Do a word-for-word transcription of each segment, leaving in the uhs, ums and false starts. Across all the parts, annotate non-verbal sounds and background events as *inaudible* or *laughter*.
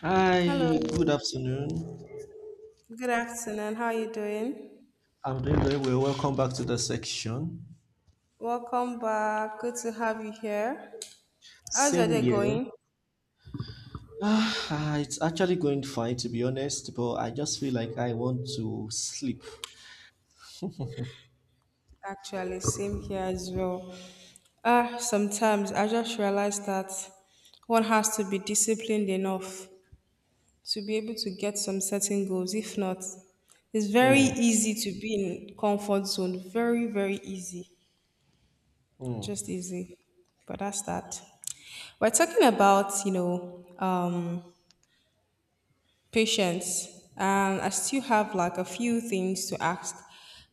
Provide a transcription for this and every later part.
Hi, good Hello, afternoon. good afternoon. How are you doing? I'm doing very well. Welcome back to the section. Welcome back. Good to have you here. How's your Same day year. going? Ah, ah, it's actually going fine to be honest, but I just feel like I want to sleep. Actually, same here as well. Ah, sometimes I just realize that one has to be disciplined enough to be able to get some certain goals. If not, it's very Hmm. easy to be in comfort zone. Very, very easy. Mm. Just easy. But that's that. We're talking about, you know, um, patience. And I still have like a few things to ask.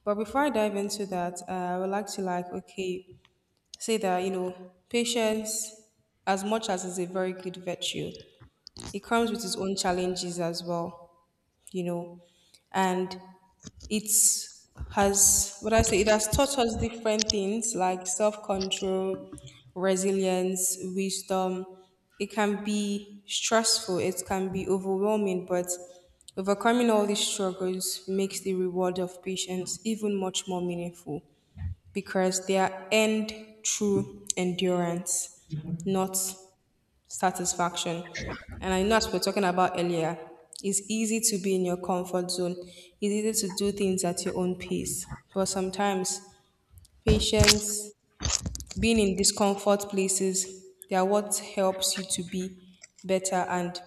But before I dive into that, uh, I would like to like, okay, say that, you know, patience, as much as is a very good virtue, it comes with its own challenges as well, you know. And it has what I say, it has taught us different things like self-control, resilience, wisdom. It can be stressful, it can be overwhelming, but overcoming all these struggles makes the reward of patience even much more meaningful because they are earned through endurance, not satisfaction. And I know as we were talking about earlier, it's easy to be in your comfort zone. It's easy to do things at your own pace. But sometimes patience, being in discomfort places, they are what helps you to be better and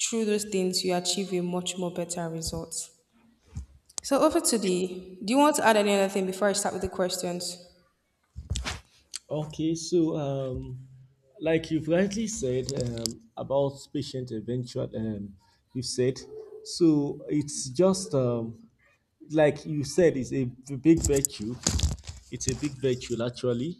through those things you achieve a much more better results. So over to the do you want to add any other thing before I start with the questions? Okay, so um, like you've rightly said um, about patient eventual, um, you said so it's just um, like you said, it's a big virtue. It's a big virtue actually.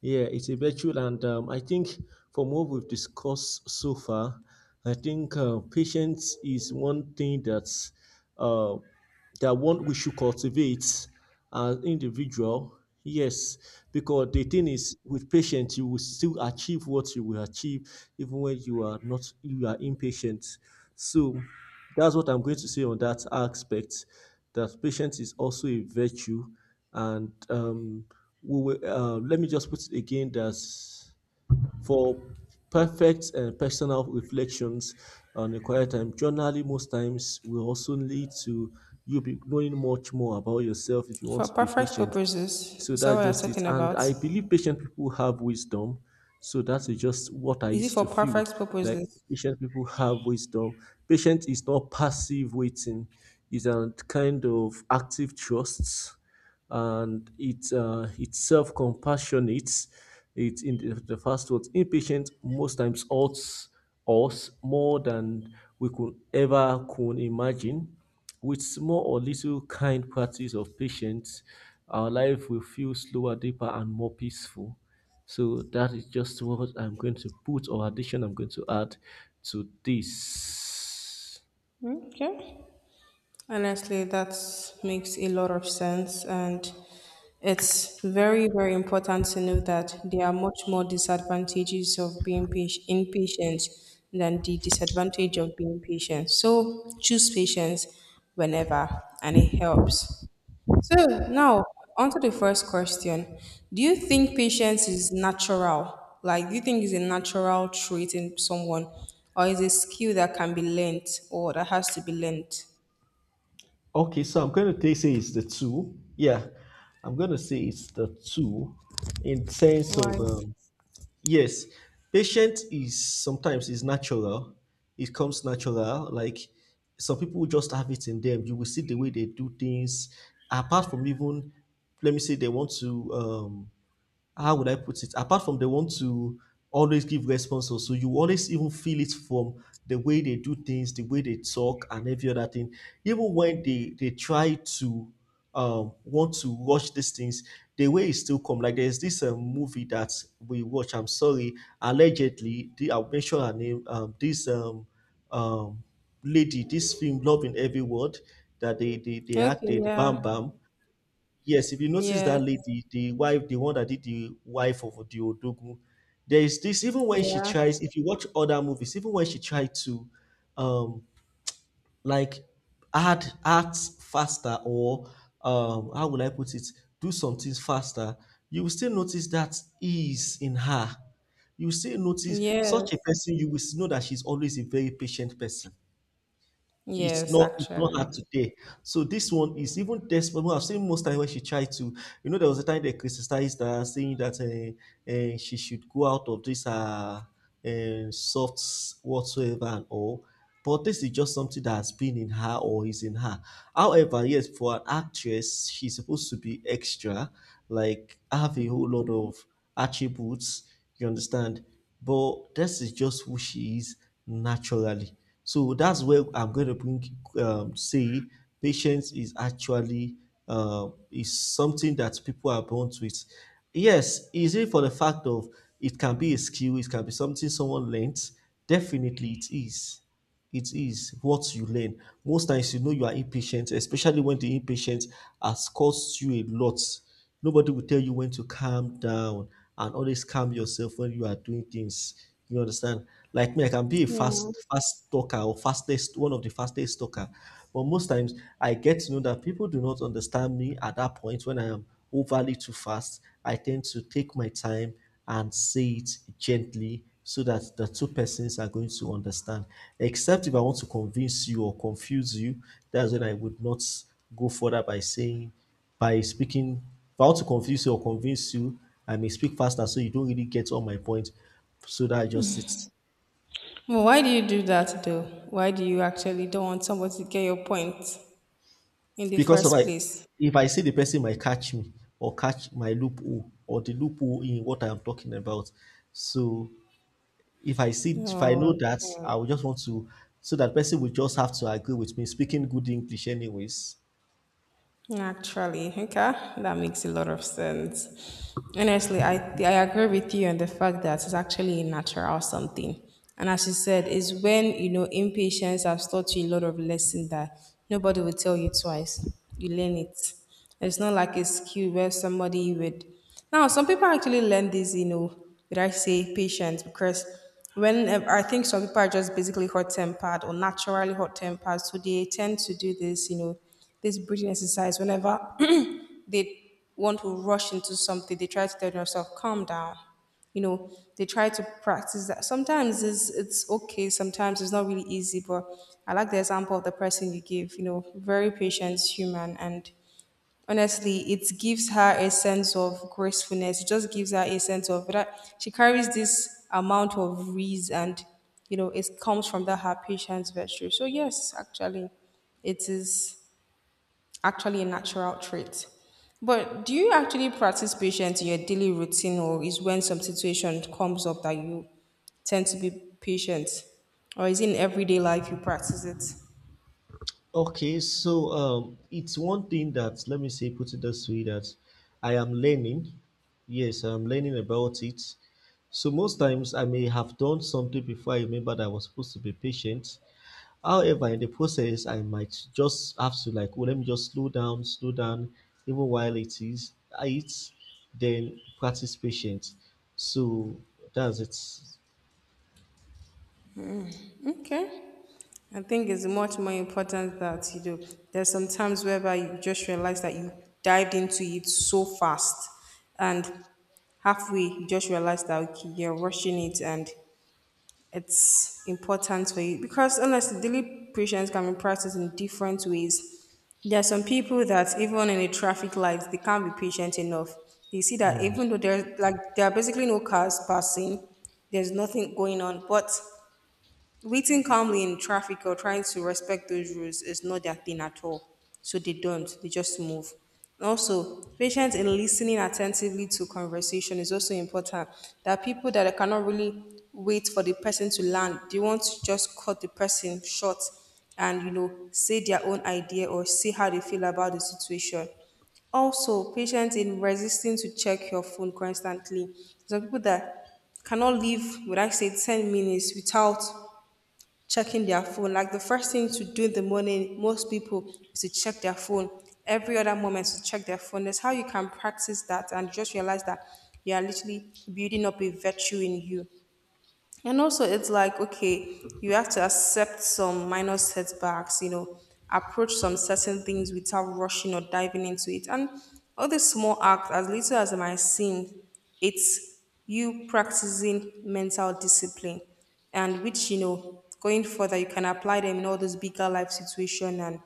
Yeah, it's a virtue, and um, I think from what we've discussed so far, I think uh, patience is one thing that's uh, that one we should cultivate as individual. Yes, because the thing is, with patience, you will still achieve what you will achieve, even when you are not you are impatient. So that's what I'm going to say on that aspect. That patience is also a virtue, and um, we will, uh, let me just put it again that for perfect and personal reflections on a quiet time, generally most times will also lead to you be knowing much more about yourself if you want For to be perfect patient. purposes, So is that that's what you're just it. talking And about? I believe patient people have wisdom. So that's just what I Is it used for to feel. perfect Like purposes? patient people have wisdom. Patient is not passive waiting, it's a kind of active trust. And it, uh, it's self compassionate. It's in the, the first words. Impatient most times hurts us more than we could ever could imagine. With small or little kind practice of patience, our life will feel slower, deeper, and more peaceful. So that is just what I'm going to put or addition I'm going to add to this. Okay. Honestly, that makes a lot of sense. And it's very, very important to know that there are much more disadvantages of being patient, impatient than the disadvantage of being patient. So choose patience whenever, and it helps. So now, on to the first question. Do you think patience is natural? Like, do you think it's a natural trait in someone, or is it a skill that can be learned or that has to be learned? Okay, so I'm going to take- say it's the two. Yeah, I'm going to say it's the two in sense of Why? um, yes, patience is sometimes is natural. It comes natural. Like some people just have it in them. You will see the way they do things. Apart from even, let me say, they want to. Um, how would I put it? Apart from they want to always give responses, so you always even feel it from the way they do things, the way they talk, and every other thing. Even when they they try to um want to watch these things, the way it still come. Like there's this um, movie that we watch. I'm sorry, allegedly, the, I'll mention her name. Um, this um um lady, this film, Love in Every Word, that they they, they Okay, acted, Bam yeah. Bam. Yes, if you notice Yes. that lady, the wife, the one that did the wife of the Odogu, there is this, even when she Yeah. tries, if you watch other movies, even when she tried to um like add act faster or um how will I put it, do some things faster, you will still notice that ease in her. You will still notice Yes. such a person, you will know that she's always a very patient person. it's Yes, not it's not actually. her today. So this one is even desperate. Well, I've seen most time when she tried to, you know, there was a time they criticized her, saying that uh, uh, she should go out of this uh, uh, soft whatsoever and all. But this is just something that has been in her or is in her. However, yes, for an actress, she's supposed to be extra, like have a whole lot of attributes, you understand? But this is just who she is naturally. So that's where I'm going to bring, um, say, patience is actually um is something that people are born with. Yes, is it for the fact of it can be a skill, it can be something someone learns? Definitely it is. It is what you learn. Most times, you know, you are impatient, especially when the impatience has cost you a lot. Nobody will tell you when to calm down and always calm yourself when you are doing things. You understand? Like me, I can be a Yeah. fast, fast talker or fastest, one of the fastest talker. But most times, I get to know that people do not understand me at that point when I am overly too fast. I tend to take my time and say it gently so that the two persons are going to understand. Except if I want to convince you or confuse you, that's when I would not go further by saying, by speaking. If I want to confuse you or convince you, I may speak faster so you don't really get all my point. So that I just sit. Well, why do you do that though? Why do you actually don't want somebody to get your point in the Because if first I, place? if I see the person might catch me or catch my loophole or the loophole in what I am talking about. So If I see if I know Oh, that, okay. I will just want to so that person will just have to agree with me, speaking good English anyways. Actually, okay, that makes a lot of sense. Honestly, I I agree with you on the fact that it's actually a natural something. And as you said, it's when you know impatience has taught you a lot of lesson that nobody will tell you twice. You learn it. It's not like a skill where somebody would. Now, some people actually learn this, you know, would I say patience? Because when uh, I think some people are just basically hot tempered or naturally hot tempered, so they tend to do this, you know, this breathing exercise whenever *clears throat* they want to rush into something, they try to tell themselves, calm down. You know, they try to practice that. Sometimes it's it's okay, sometimes it's not really easy, but I like the example of the person you give, you know, very patient human and honestly it gives her a sense of gracefulness. It just gives her a sense of that she carries this amount of ease and you know it comes from that her patience virtue. So yes, actually it is actually a natural trait, but do you actually practice patience in your daily routine, or is when some situation comes up that you tend to be patient, or is it in everyday life you practice it? Okay, so um, it's one thing that let me say put it this way that I am learning. Yes, I'm learning about it. So most times I may have done something before I remember that I was supposed to be patient. However, in the process, I might just have to like, oh, let me just slow down, slow down, even while it is, I eat, then practice patience. So that's it. Okay, I think it's much more important that you know there's some times whereby you just realize that you dived into it so fast and halfway you just realize that okay, you're rushing it and it's important for you because honestly daily patience can be practiced in different ways. There are some people that even in a traffic light they can't be patient enough. They see that even though there's like there are basically no cars passing, there's nothing going on, but waiting calmly in traffic or trying to respect those rules is not their thing at all. So they don't, they just move. Also, patience in listening attentively to conversation is also important. There are people that cannot really wait for the person to land. They want to just cut the person short and you know say their own idea or say how they feel about the situation. Also, patience in resisting to check your phone constantly. Some people that cannot live, would I say, ten minutes without checking their phone. Like the first thing to do in the morning, most people is to check their phone. Every other moment is to check their phone. That's how you can practice that and just realize that you are literally building up a virtue in you. And also, it's like, okay, you have to accept some minor setbacks, you know, approach some certain things without rushing or diving into it. And all these small acts, as little as they might seem, it's you practicing mental discipline and which, you know, going further, you can apply them in all those bigger life situation and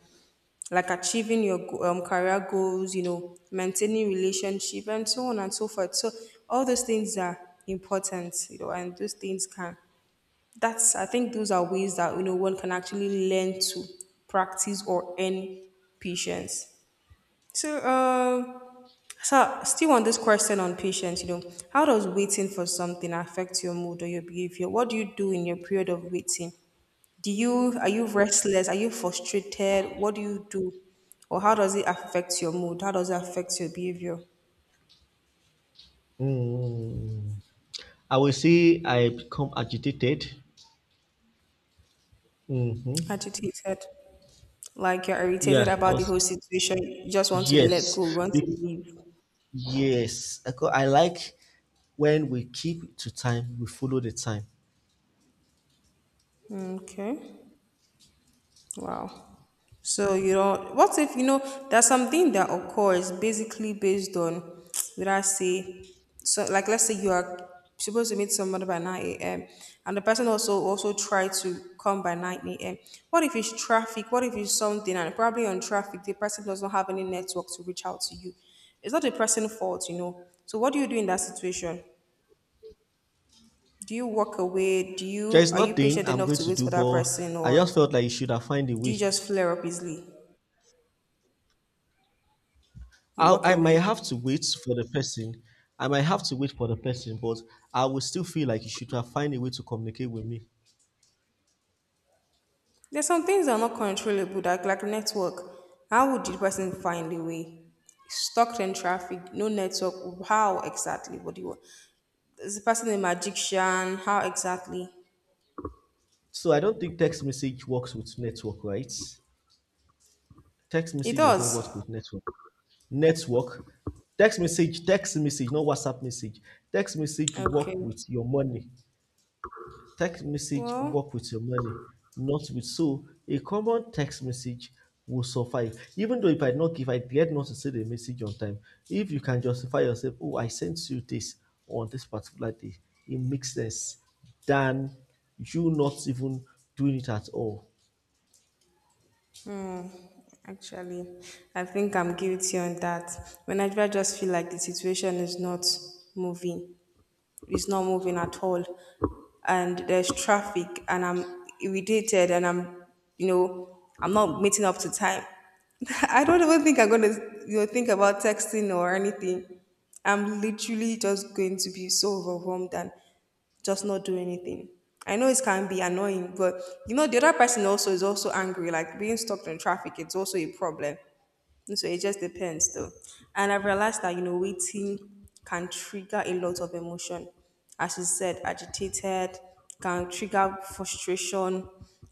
like achieving your go- um, career goals, you know, maintaining relationship and so on and so forth. So all those things are important, you know, and those things can that's I think those are ways that you know one can actually learn to practice or earn patience. So, um, so still on this question on patience, you know, how does waiting for something affect your mood or your behavior? What do you do in your period of waiting? Do you are you restless? Are you frustrated? What do you do, or how does it affect your mood? How does it affect your behavior? Mm. I will say I become agitated. Hmm. Agitated, like you're irritated Yeah, I about the was. whole situation. You just want to let Yes, go. You want to Be- leave. yes. I co- I like when we keep to time, we follow the time. Okay. Wow. So you don't. What if you know there's something that occurs basically based on, *tsk* would I say, so like let's say you are supposed to meet somebody by nine a m and the person also also tried to come by nine a m. What if it's traffic? What if it's something and probably on traffic the person does not have any network to reach out to you? It's not the person's fault, you know. So what do you do in that situation? Do you walk away? Do There you is are you nothing patient I'm enough going to to wait for do, that but person, I just or felt like you should have find a do way. you just flare up easily? You walk I, I might away. have to wait for the person. I might have to wait for the person, but I will still feel like you should have find a way to communicate with me. There's some things that are not controllable, that like network. How would the person find a way? Stuck in traffic, no network. How exactly? What do you want? Is the person a magician? How exactly? So I don't think text message works with network, right? Text It message does not work does. with network. Network, text message, text message, not WhatsApp message. Text message Okay. work with your money. Text message Well, work with your money, not with so a common text message will suffice. Even though if I not give, I get not to send a message on time, if you can justify yourself, oh I sent you this on this particular day, it makes sense than you not even doing it at all. actually, I think I'm guilty on that. When I just feel like the situation is not moving, it's not moving at all. And there's traffic and I'm irritated and I'm, you know, I'm not meeting up to time. *laughs* I don't even think I'm going to, you know, think about texting or anything. I'm literally just going to be so overwhelmed and just not do anything. I know it can be annoying, but you know, the other person also is also angry. Like being stuck in traffic, it's also a problem. So it just depends though. And I've realized that, you know, waiting can trigger a lot of emotion. As you said, agitated, can trigger frustration.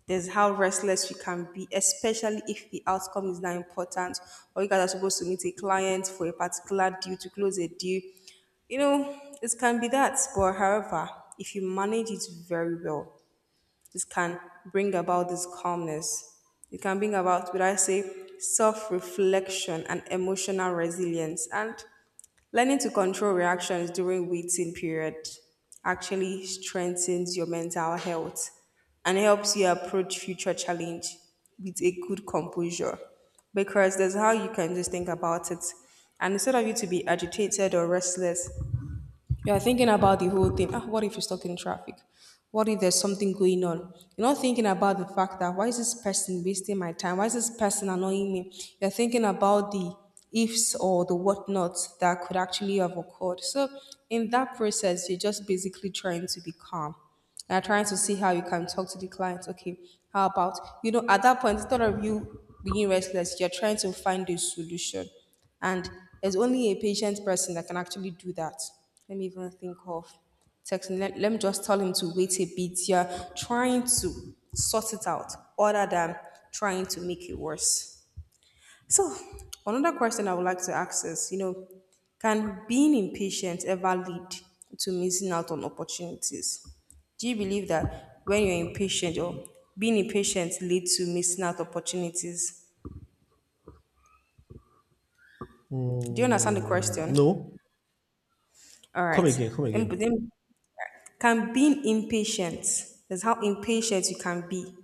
There's how restless you can be, especially if the outcome is not important or you guys are supposed to meet a client for a particular deal to close a deal. You know, it can be that. But however, if you manage it very well, this can bring about this calmness. It can bring about, would I say, self reflection and emotional resilience. And learning to control reactions during waiting period actually strengthens your mental health and helps you approach future challenge with a good composure because that's how you can just think about it and instead of you to be agitated or restless you're thinking about the whole thing. Ah, what if you're stuck in traffic? What if there's something going on? You're not thinking about the fact that why is this person wasting my time? Why is this person annoying me? You're thinking about the ifs or the whatnots that could actually have occurred. So in that process, you're just basically trying to be calm. You're trying to see how you can talk to the client. Okay, how about you know at that point instead of you being restless, you're trying to find a solution and there's only a patient person that can actually do that. Let me even think of texting. Let, let me just tell him to wait a bit. You're trying to sort it out other than trying to make it worse. So, another question I would like to ask is you know, can being impatient ever lead to missing out on opportunities? Do you believe that when you're impatient or being impatient leads to missing out opportunities? Do you understand the Hmm, question? no. All Come right. again, come Then, again. then Can being impatient, that's how impatient you can be,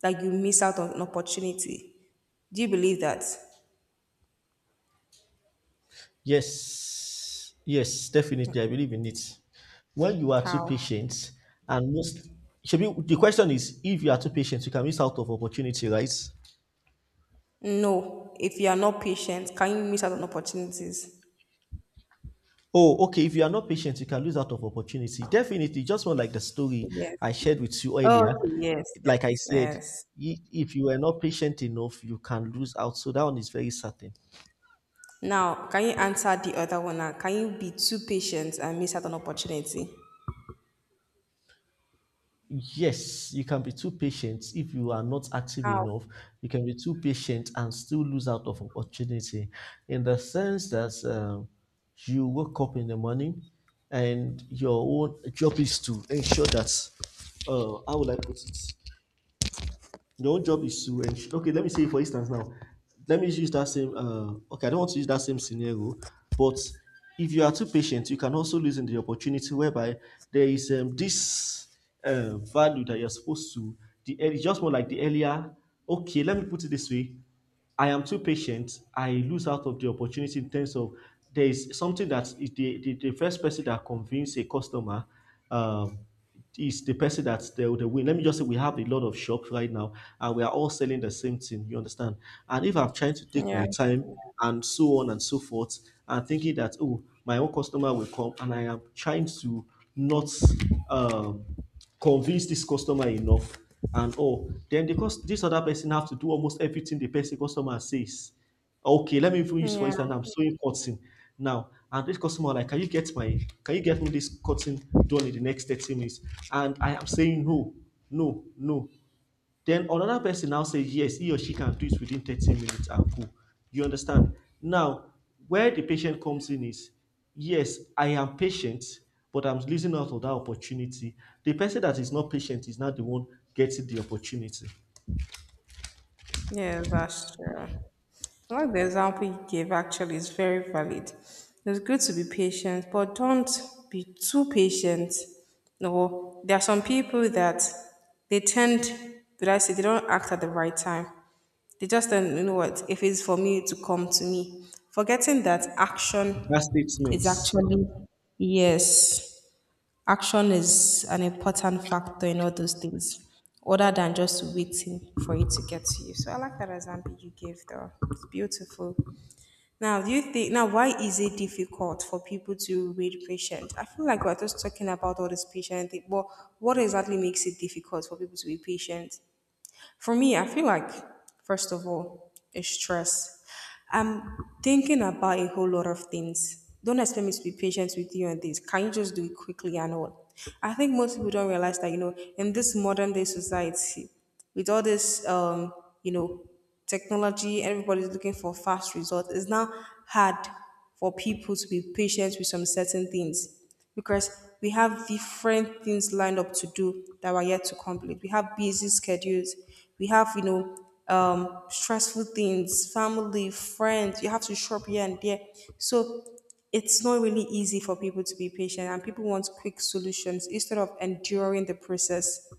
that you miss out on an opportunity. Do you believe that? Yes, yes, definitely. I believe in it. When you are too How? patient, and most, should be, the question is if you are too patient, you can miss out of opportunity, right? No. If you are not patient, can you miss out on opportunities? Oh, okay. If you are not patient, you can lose out of opportunity. Definitely. Just one like the story I Yes. shared with you earlier. Okay, yes, Like I yes, said, yes. i- if you are not patient enough, you can lose out. So that one is very certain. Now, can you answer the other one now? Can you be too patient and miss out on opportunity? Yes, you can be too patient if you are not active How? enough. You can be too patient and still lose out of opportunity in the sense that um, you wake up in the morning and your own job is to ensure that, uh, how will I put it? Your own job is to ensure. Okay, let me say for instance now. Let me use that same. Uh, okay, I don't want to use that same scenario, but if you are too patient, you can also lose in the opportunity whereby there is um, this uh, value that you're supposed to. The early, just more like the earlier. Okay, let me put it this way. I am too patient, I lose out of the opportunity in terms of there is something that is the, the, the first person that convinces a customer um, is the person that they will win. Let me just say we have a lot of shops right now and we are all selling the same thing, you understand? And if I'm trying to take Yeah. my time and so on and so forth, and thinking that, oh, my own customer will come and I am trying to not um, convince this customer enough and all, then the cost this other person have to do almost everything the person customer says. Okay, let me even use for Yeah. instance, I'm sewing cotton now, and this customer like, can you get my can you get me this cotton done in the next thirty minutes, and I am saying no, no, no. Then another person now says yes, he or she can do it within thirty minutes and go. You understand? Now, where the patient comes in is yes, I am patient, but I'm losing out of that opportunity. The person that is not patient is not the one getting the opportunity. Yes, that's true. I like the example you gave actually is very valid. It's good to be patient, but don't be too patient. No, there are some people that they tend, did I say, they don't act at the right time. They just don't, you know what, if it's for me to come to me, forgetting that action That is statement. actually, yes, action is an important factor in all those things, other than just waiting for it to get to you. So I like that example you gave, though. It's beautiful. Now, do you think now why is it difficult for people to read patients? I feel like we're just talking about all this patient thing, but what exactly makes it difficult for people to be patient? For me, I feel like, first of all, it's stress. I'm thinking about a whole lot of things. Don't expect me to be patient with you on this. Can you just do it quickly and all? I think most people don't realize that, you know, in this modern day society, with all this, um, you know, technology, everybody's looking for fast results. It's now hard for people to be patient with some certain things because we have different things lined up to do that we're yet to complete. We have busy schedules. We have, you know, um, stressful things, family, friends. You have to shop here and there. So it's not really easy for people to be patient, and people want quick solutions instead of enduring the process.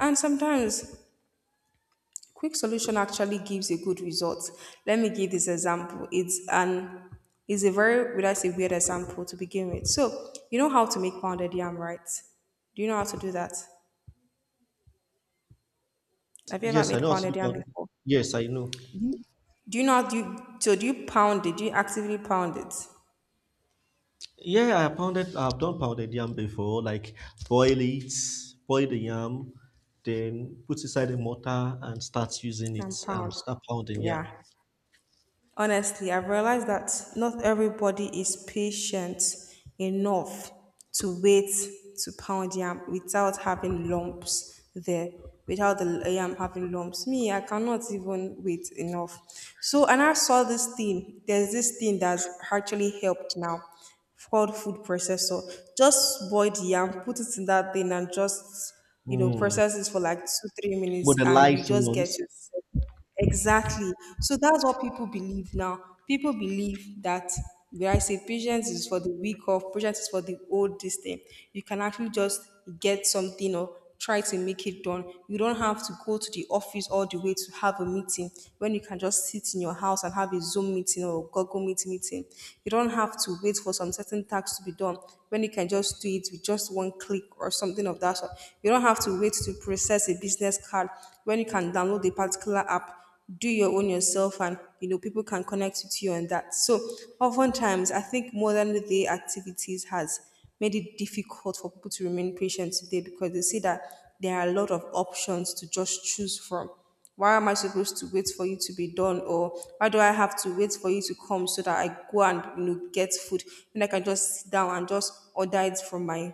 And sometimes quick solution actually gives a good result. Let me give this example. It's an it's a very, would I say, weird example to begin with. So you know how to make pounded yam, right? Do you know how to do that? Have you ever Yes, I made know how to do pounded yam pound. before? Yes, I know. Do you, do you know how do you, so do you pound it? Do you actively pound it? Yeah, I pounded. I've done pounded yam before. Like boil it, boil the yam, then put inside the mortar and start using And it and pound. start pounding. Yeah. Yeah. Honestly, I've realized that not everybody is patient enough to wait to pound yam without having lumps there, without the yam having lumps. Me, I cannot even wait enough. So, and I saw this thing. There's this thing that's actually helped now called food processor. Just boil the yam, put it in that thing, and just you know Mm, process it for like two three minutes, and you modernized just get ones. your exactly. So that's what people believe now. People believe that, where I say patience is for the weak of, patience is for the old this thing. You can actually just get something or try to make it done. You don't have to go to the office all the way to have a meeting when you can just sit in your house and have a Zoom meeting or Google Meet meeting. You don't have to wait for some certain tasks to be done when you can just do it with just one click or something of that, that's all. You don't have to wait to process a business card when you can download a particular app, do your own yourself, and you know people can connect with you on that. So oftentimes, I think modern day activities has made it difficult for people to remain patient today because they see that there are a lot of options to just choose from. Why am I supposed to wait for you to be done, or why do I have to wait for you to come so that I go and you know get food when I can just sit down and just order it from my,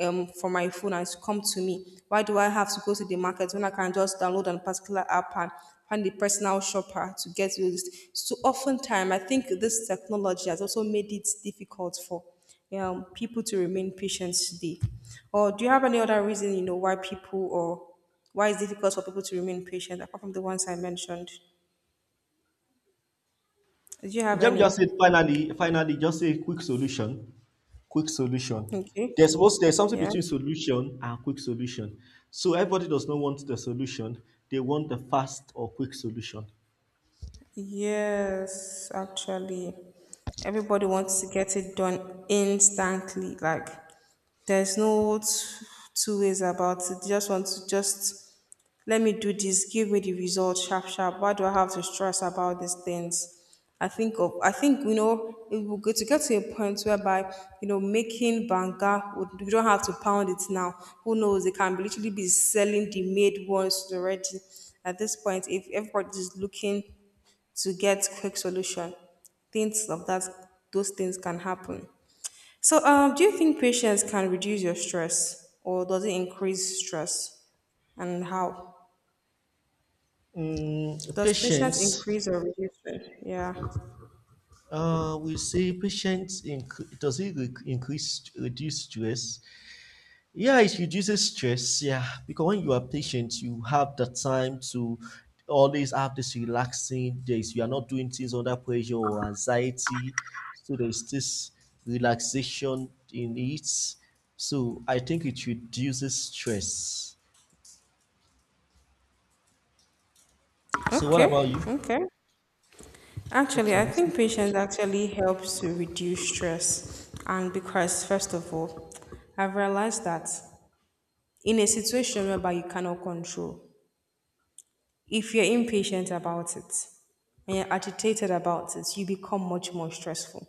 um, from my phone and it's come to me. Why do I have to go to the market when I can just download a particular app and find the personal shopper to get you this? So oftentimes, I think this technology has also made it difficult for um, people to remain patient today. Or do you have any other reason, you know, why people or why it's difficult for people to remain patient apart from the ones I mentioned? Do you have Let me any? just say finally, finally, just say quick solution. Quick solution. Okay. There's supposed there's something Yeah. between solution and quick solution. So everybody does not want the solution; they want the fast or quick solution. Yes, actually, everybody wants to get it done instantly. Like, there's no t- two ways about it. They just want to just let me do this, give me the result sharp, sharp. Why do I have to stress about these things? I think of, I think you know, it will get to get to a point whereby you know making banga, would- you don't have to pound it now. Who knows? It can literally be selling the made ones already. At this point, if everybody's looking to get quick solution. Things of that, those things can happen. So, um, do you think patience can reduce your stress, or does it increase stress, and how? Mm, Does patience patience. increase or reduce stress? Yeah. Uh, we say patience inc- does it re- increase reduce stress? Yeah, it reduces stress. Yeah, because when you are patient, you have the time to always have this relaxing days. You are not doing things under pressure or anxiety. So there's this relaxation in it. So I think it reduces stress. So what Okay. about you? Okay. Check Actually, your I message. think patience actually helps to reduce stress, and because first of all, I've realized that in a situation whereby you cannot control, if you're impatient about it and you're agitated about it, you become much more stressful.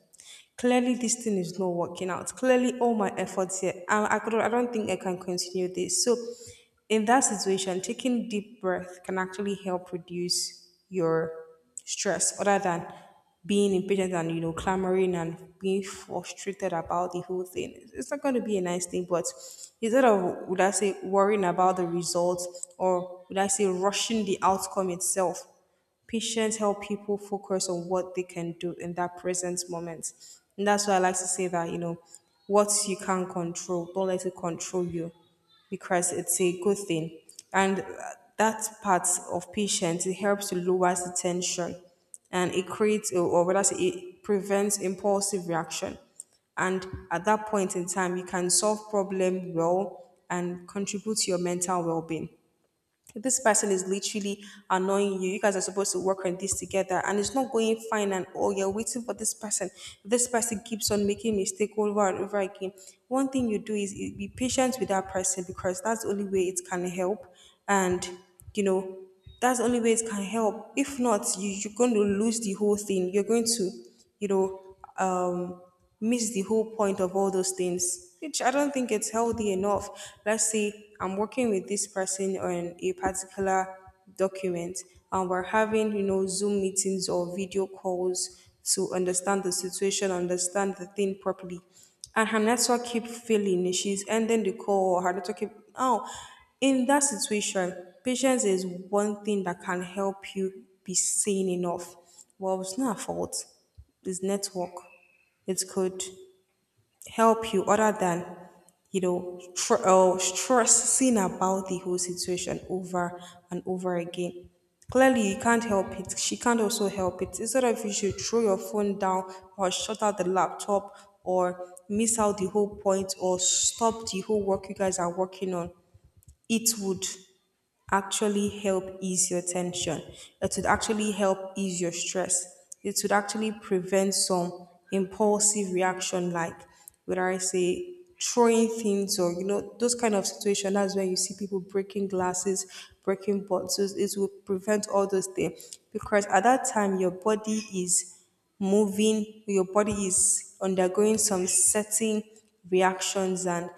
Clearly, this thing is not working out. Clearly, all my efforts here, I, I, could, I don't think I can continue this. So, in that situation, taking deep breath can actually help reduce your stress other than being impatient and you know clamoring and being frustrated about the whole thing, it's it's not going to be a nice thing. But instead of, would I say, worrying about the results, or would I say rushing the outcome itself, patience help people focus on what they can do in that present moment. And that's why I like to say that, you know, what you can control, don't let it control you, because it's a good thing. And uh, that part of patience, it helps to lower the tension, and it creates, or or rather, say it prevents impulsive reaction. And at that point in time, you can solve problem well and contribute to your mental well-being. This person is literally annoying you. You guys are supposed to work on this together and it's not going fine, and oh, you're waiting for this person. This person keeps on making mistake over and over again. One thing you do is be patient with that person because that's the only way it can help. And you know that's the only way it can help. If not, you, you're going to lose the whole thing. You're going to, you know, um miss the whole point of all those things, which I don't think it's healthy enough. Let's say I'm working with this person on a particular document, and we're having, you know, Zoom meetings or video calls to understand the situation, understand the thing properly, and her network keep failing. She's ending the call. Her network keep, oh, in that situation, patience is one thing that can help you be sane enough. Well, it's not her fault. It's network. It's good, help you other than you know tr- uh, stressing about the whole situation over and over again. Clearly, you can't help it, she can't also help it. Instead of, you should throw your phone down, or shut out the laptop, or miss out the whole point, or stop the whole work you guys are working on, it would actually help ease your tension. It would actually help ease your stress. It would actually prevent some impulsive reaction, like, whether I say throwing things or you know those kind of situations. That's when you see people breaking glasses, breaking bottles. It will prevent all those things because at that time your body is moving, your body is undergoing some certain reactions, and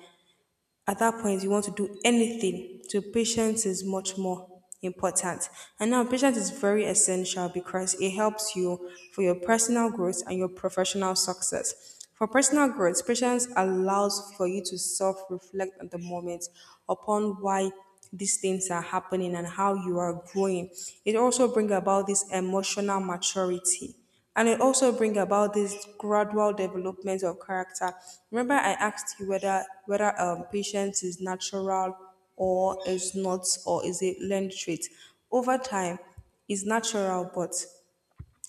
at that point you want to do anything. So patience is much more important. And now patience is very essential because it helps you for your personal growth and your professional success. For personal growth, patience allows for you to self-reflect at the moment upon why these things are happening and how you are growing. It also brings about this emotional maturity, and it also bring about this gradual development of character. Remember I asked you whether whether um, patience is natural or is not, or is a learned trait over time. Is natural, but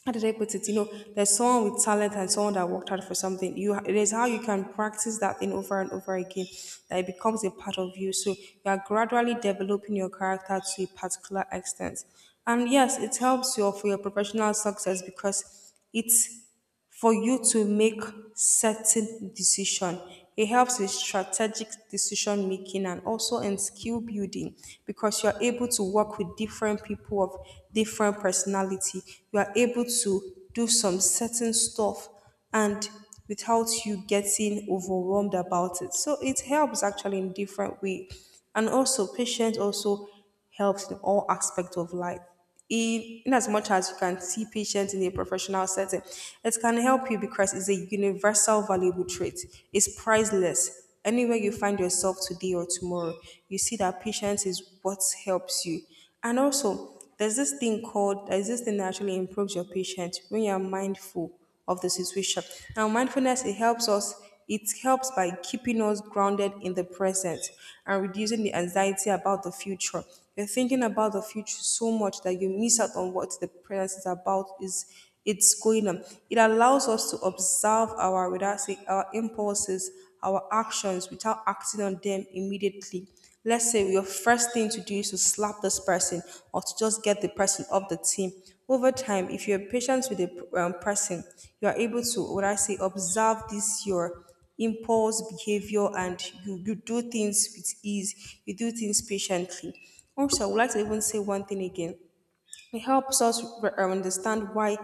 how did I put it? You know, there's someone with talent and someone that worked hard for something. You, it is how you can practice that thing over and over again that it becomes a part of you. So you are gradually developing your character to a particular extent, and yes, it helps you for your professional success because it's for you to make certain decision. It helps with strategic decision making and also in skill building because you're able to work with different people of different personality. You are able to do some certain stuff and without you getting overwhelmed about it. So it helps actually in different way. And also patience also helps in all aspects of life. In, in as much as you can see patients in a professional setting, it can help you because it's a universal valuable trait. It's priceless. Anywhere you find yourself today or tomorrow, you see that patience is what helps you. And also, there's this thing called, there's this thing that actually improves your patience when you're mindful of the situation. Now, mindfulness it helps us. It helps by keeping us grounded in the present and reducing the anxiety about the future. You're thinking about the future so much that you miss out on what the present is about. Is it's going on. It allows us to observe our without say our impulses, our actions without acting on them immediately. Let's say your first thing to do is to slap this person or to just get the person off the team. Over time, if you're patient with the um, person, you are able to, what I say, observe this your impulse behavior and you, you do things with ease, you do things patiently. Also, I would like to even say one thing again it helps us re- understand why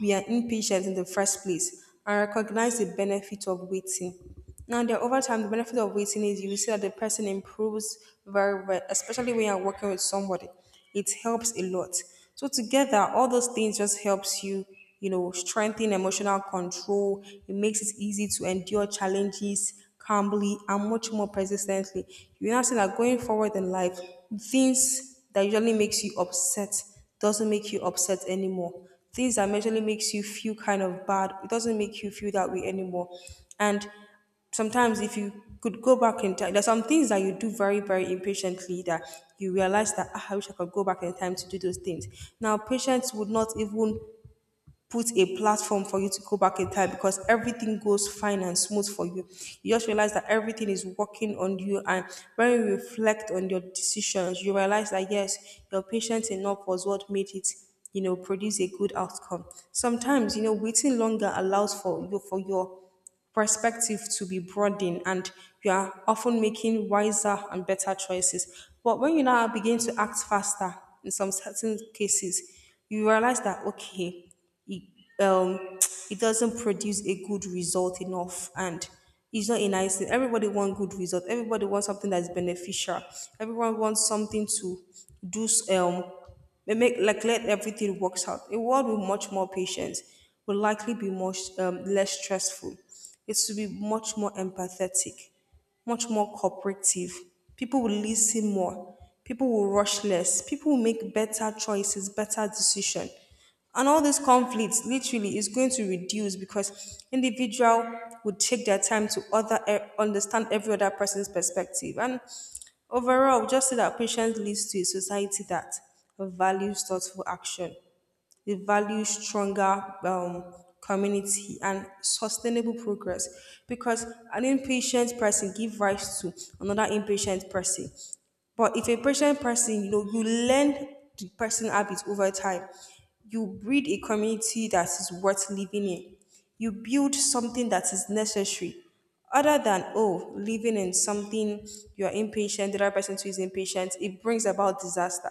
we are impatient in the first place and recognize the benefit of waiting. Now, there over time, the benefit of waiting is you will see that the person improves very well, especially when you're working with somebody. It helps a lot. So together, all those things just helps you, you know, strengthen emotional control. It makes it easy to endure challenges calmly and much more persistently, you now see that going forward in life, things that usually makes you upset doesn't make you upset anymore. Things that usually makes you feel kind of bad, it doesn't make you feel that way anymore. And sometimes if you could go back in time, there's some things that you do very, very impatiently that you realize that "Ah, I wish I could go back in time to do those things. Now, patience would not even put a platform for you to go back in time because everything goes fine and smooth for you. You just realize that everything is working on you, and when you reflect on your decisions, you realize that yes, your patience enough was what made it. You know, produce a good outcome. Sometimes, you know, waiting longer allows for you for your perspective to be broadened and you are often making wiser and better choices. But when you now begin to act faster in some certain cases, you realize that, okay, it, um, it doesn't produce a good result enough and it's not a nice thing. Everybody wants good result. Everybody wants something that's beneficial. Everyone wants something to do s- um they make like let everything works out. A world with much more patience will likely be much um, less stressful. It should be much more empathetic much more cooperative. People will listen more. People will rush less. People will make better choices, better decisions. And all these conflicts literally is going to reduce because individual would take their time to other eh, understand every other person's perspective. And overall, just see that patience leads to a society that values thoughtful action, it values stronger um, community and sustainable progress. Because an impatient person gives rise to another impatient person. But if a patient person, you know, you learn the person habits over time. You breed a community that is worth living in. You build something that is necessary. Other than, oh, living in something you're impatient, the other person too is impatient, it brings about disaster.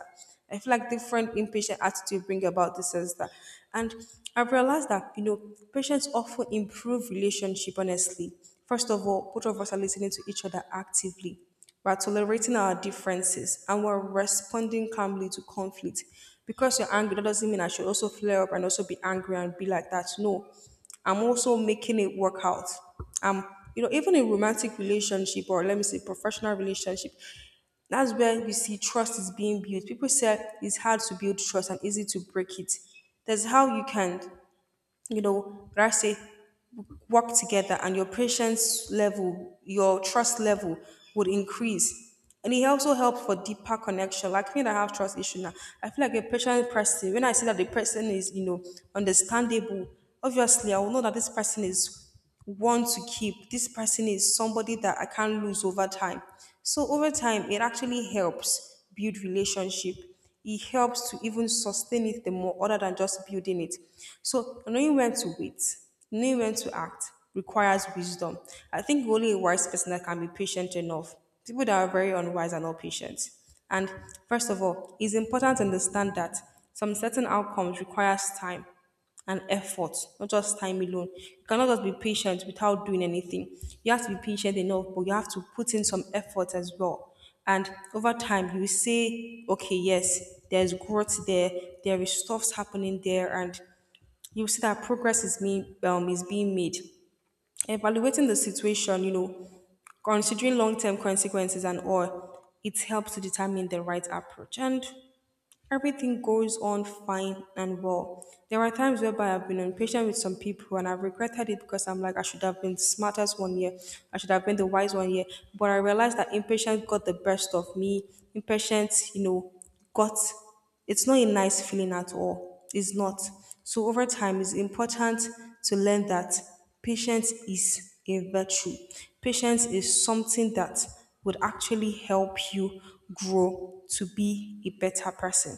I feel like different impatient attitude bring about disaster. And I've realized that, you know, patients often improve relationship, honestly. First of all, both of us are listening to each other actively we're tolerating our differences and we're responding calmly to conflict. Because you're angry, that doesn't mean I should also flare up and also be angry and be like that. No, I'm also making it work out. Um, you know, even in romantic relationship or let me say professional relationship, that's where you see trust is being built. People say it's hard to build trust and easy to break it. That's how you can you know, what I say, work together and your patience level, your trust level would increase. And it also helps for deeper connection. Like me that have trust issue now, I feel like a patient person, when I see that the person is, you know, understandable, obviously I will know that this person is want to keep. This person is somebody that I can't lose over time. So over time, it actually helps build relationship. It helps to even sustain it the more other than just building it. So knowing when to wait, knowing when to act requires wisdom. I think only a wise person that can be patient enough. People that are very unwise are not patient. And first of all, it's important to understand that some certain outcomes requires time and effort, not just time alone. You cannot just be patient without doing anything. You have to be patient enough, but you have to put in some effort as well. And over time, you will say, okay, yes, there's growth there, there is stuffs happening there, and you see that progress is being um, is being made. Evaluating the situation, you know, considering long term consequences and all, it helps to determine the right approach. And everything goes on fine and well. There are times whereby I've been impatient with some people and I've regretted it because I'm like, I should have been the smartest one year. I should have been the wise one year. But I realized that impatience got the best of me. Impatience, you know, got it's not a nice feeling at all. It's not. So over time, it's important to learn that patience is a virtue. Patience is something that would actually help you grow to be a better person.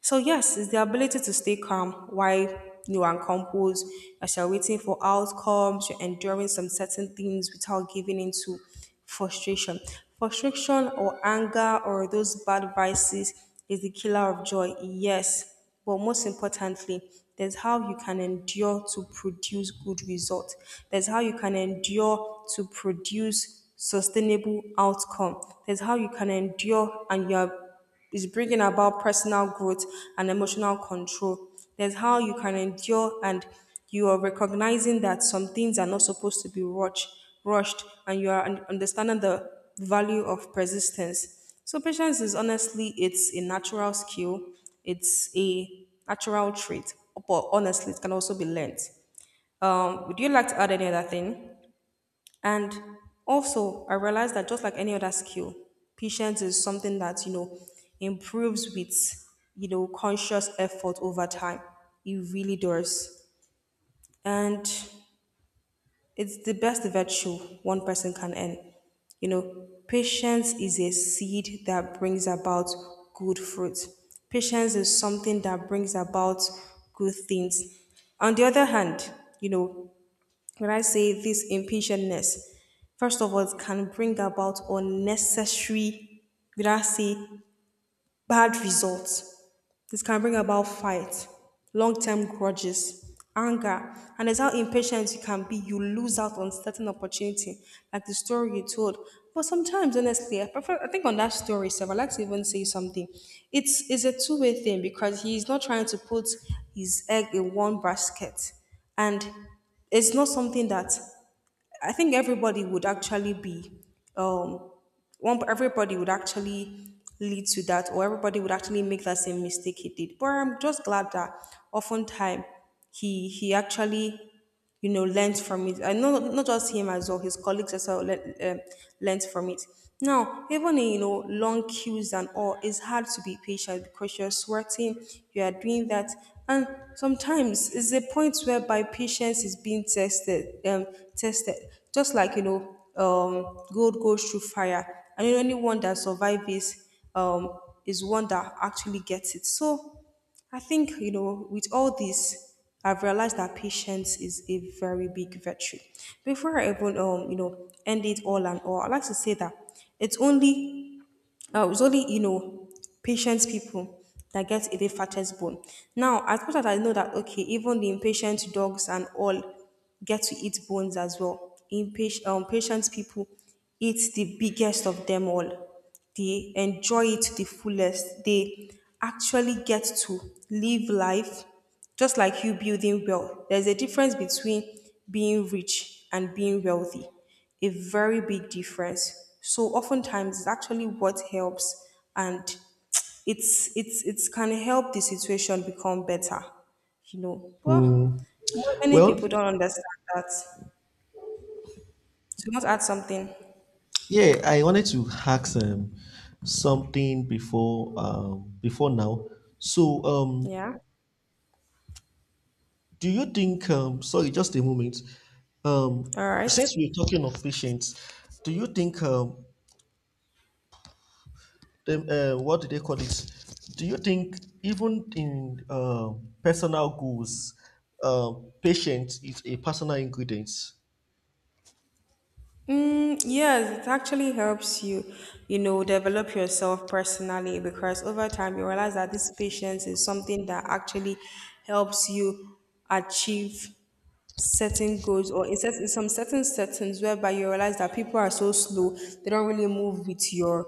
So yes, it's the ability to stay calm while you are composed, as you're waiting for outcomes, you're enduring some certain things without giving into frustration. Frustration or anger or those bad vices is the killer of joy. Yes, but most importantly, there's how you can endure to produce good results. There's how you can endure to produce sustainable outcome. There's how you can endure and you're is bringing about personal growth and emotional control. There's how you can endure, and you are recognizing that some things are not supposed to be rushed, rushed, and you are un- understanding the value of persistence. So patience is honestly it's a natural skill, it's a natural trait, but honestly it can also be learned. Um, would you like to add any other thing? And also, I realized that just like any other skill, patience is something that, you know, improves with, you know, conscious effort over time. It really does. And it's the best virtue one person can earn. You know, patience is a seed that brings about good fruit. Patience is something that brings about good things. On the other hand, you know, when I say this impatientness, first of all, it can bring about unnecessary, would I say, bad results. This can bring about fight, long-term grudges, anger, and that's how impatient you can be. You lose out on certain opportunity, like the story you told. But sometimes, honestly, I prefer. I think on that story, Sev, I like to even say something. It's it's a two-way thing because he's not trying to put his egg in one basket and it's not something that I think everybody would actually be um one everybody would actually lead to that or everybody would actually make that same mistake he did. But I'm just glad that oftentimes he he actually you know learned from it. And not not just him as well, his colleagues as well learned, um, learned from it. Now, even in you know long queues and all, it's hard to be patient because you're sweating, you are doing that, and sometimes it's a point whereby patience is being tested, um, tested. Just like you know, um, gold goes through fire, and the only one that survives is um, is one that actually gets it. So I think you know, with all this, I've realized that patience is a very big virtue. Before I even um, you know, end it all and all, I like to say that it's only uh, it was only you know patient people that get a the fattest bone. Now, as much as I know that okay, even the impatient dogs and all get to eat bones as well. Impatient, um, patient people eat the biggest of them all. They enjoy it to the fullest. They actually get to live life just like you building well, there's a difference between being rich and being wealthy, a very big difference. So oftentimes it's actually what helps and it's it's it can help the situation become better, you know. Well, Mm. mo- many Well, people don't understand that. So you want to add something? yeah, I wanted to ask um, something before um, before now. So um, Yeah. do you think, um, sorry, just a moment. Um, All right. since we're talking of patients, do you think, um, them, uh, what do they call it? Do you think even in uh, personal goals, uh, patient is a personal ingredient? Mm, yes, it actually helps you, you know, develop yourself personally because over time you realize that this patience is something that actually helps you achieve certain goals or in, certain, in some certain settings whereby you realize that people are so slow, they don't really move with your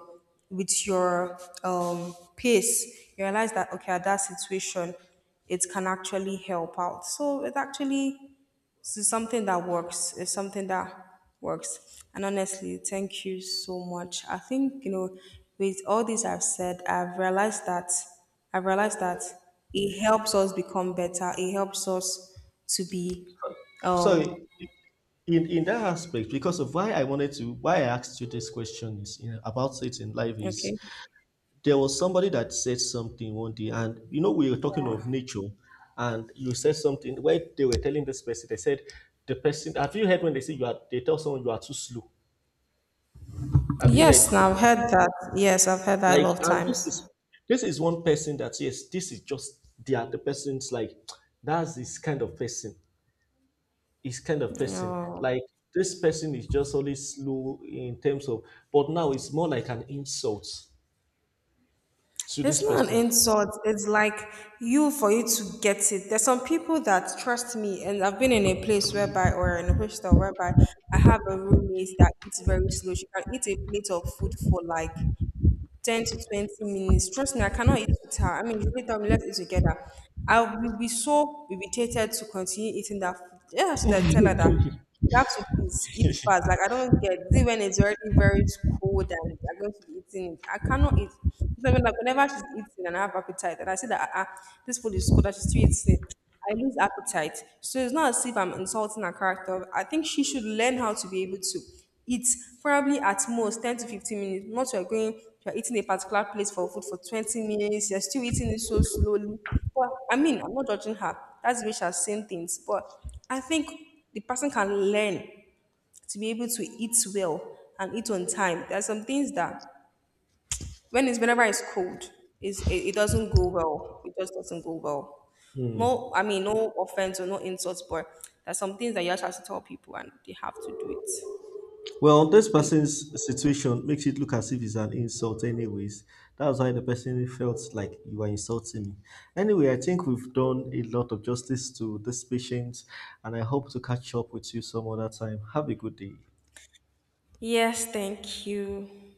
with your um pace. You realize that okay, at that situation, it can actually help out. So it actually so something that works. Is something that works. And honestly, thank you so much. I think, you know, with all this I've said, I've realized that I've realized that it helps us become better. It helps us to be um Sorry, in, in that aspect, because of why I wanted to, why I asked you this question is you know, about it in life is okay. there was somebody that said something one day, and you know, we were talking of nature, and you said something where they were telling this person, they said, the person, have you heard when they say you are, they tell someone you are too slow? Have you heard? Yes, now I've heard that. Yes, I've heard that a Like, lot of and this is times. this is one person that, yes, this is just they are the person's like, that's this kind of person, his kind of person, Oh. like. This person is just only slow in terms of, but now it's more like an insult to It's this not an person. insult. It's like you for you to get it. There's some people that trust me, and I've been in a place whereby, or in a hostel whereby, I have a roommate that eats very slow. She can eat a plate of food for like ten to twenty minutes. Trust me, I cannot eat with her. I mean, you really tell me, let's eat together. I will be so irritated to continue eating that food. Yeah, I should have tell her that you have to please eat fast. Like, I don't get it when it's already very cold and you're going to be eating it. I cannot eat. It's not Like, whenever she's eating and I have appetite, and I see that uh, this food is cold, I should still eat it. I lose appetite. So it's not as if I'm insulting her character. I think she should learn how to be able to. It's probably at most ten to fifteen minutes. Once you're going, you're eating a particular place for food for twenty minutes, you're still eating it so slowly. But I mean, I'm not judging her. That's the way she has seen things. But I think the person can learn to be able to eat well and eat on time. There are some things that when it's whenever it's cold, is it, it doesn't go well. It just doesn't go well. No, I mean, no offense or no insults, but there's some things that you actually have to tell people and they have to do it. Well, this And person's situation makes it look as if it's an insult, anyways. That's why the person felt like you are insulting me. Anyway, I think we've done a lot of justice to this patient, and I hope to catch up with you some other time. Have a good day. yes, thank you.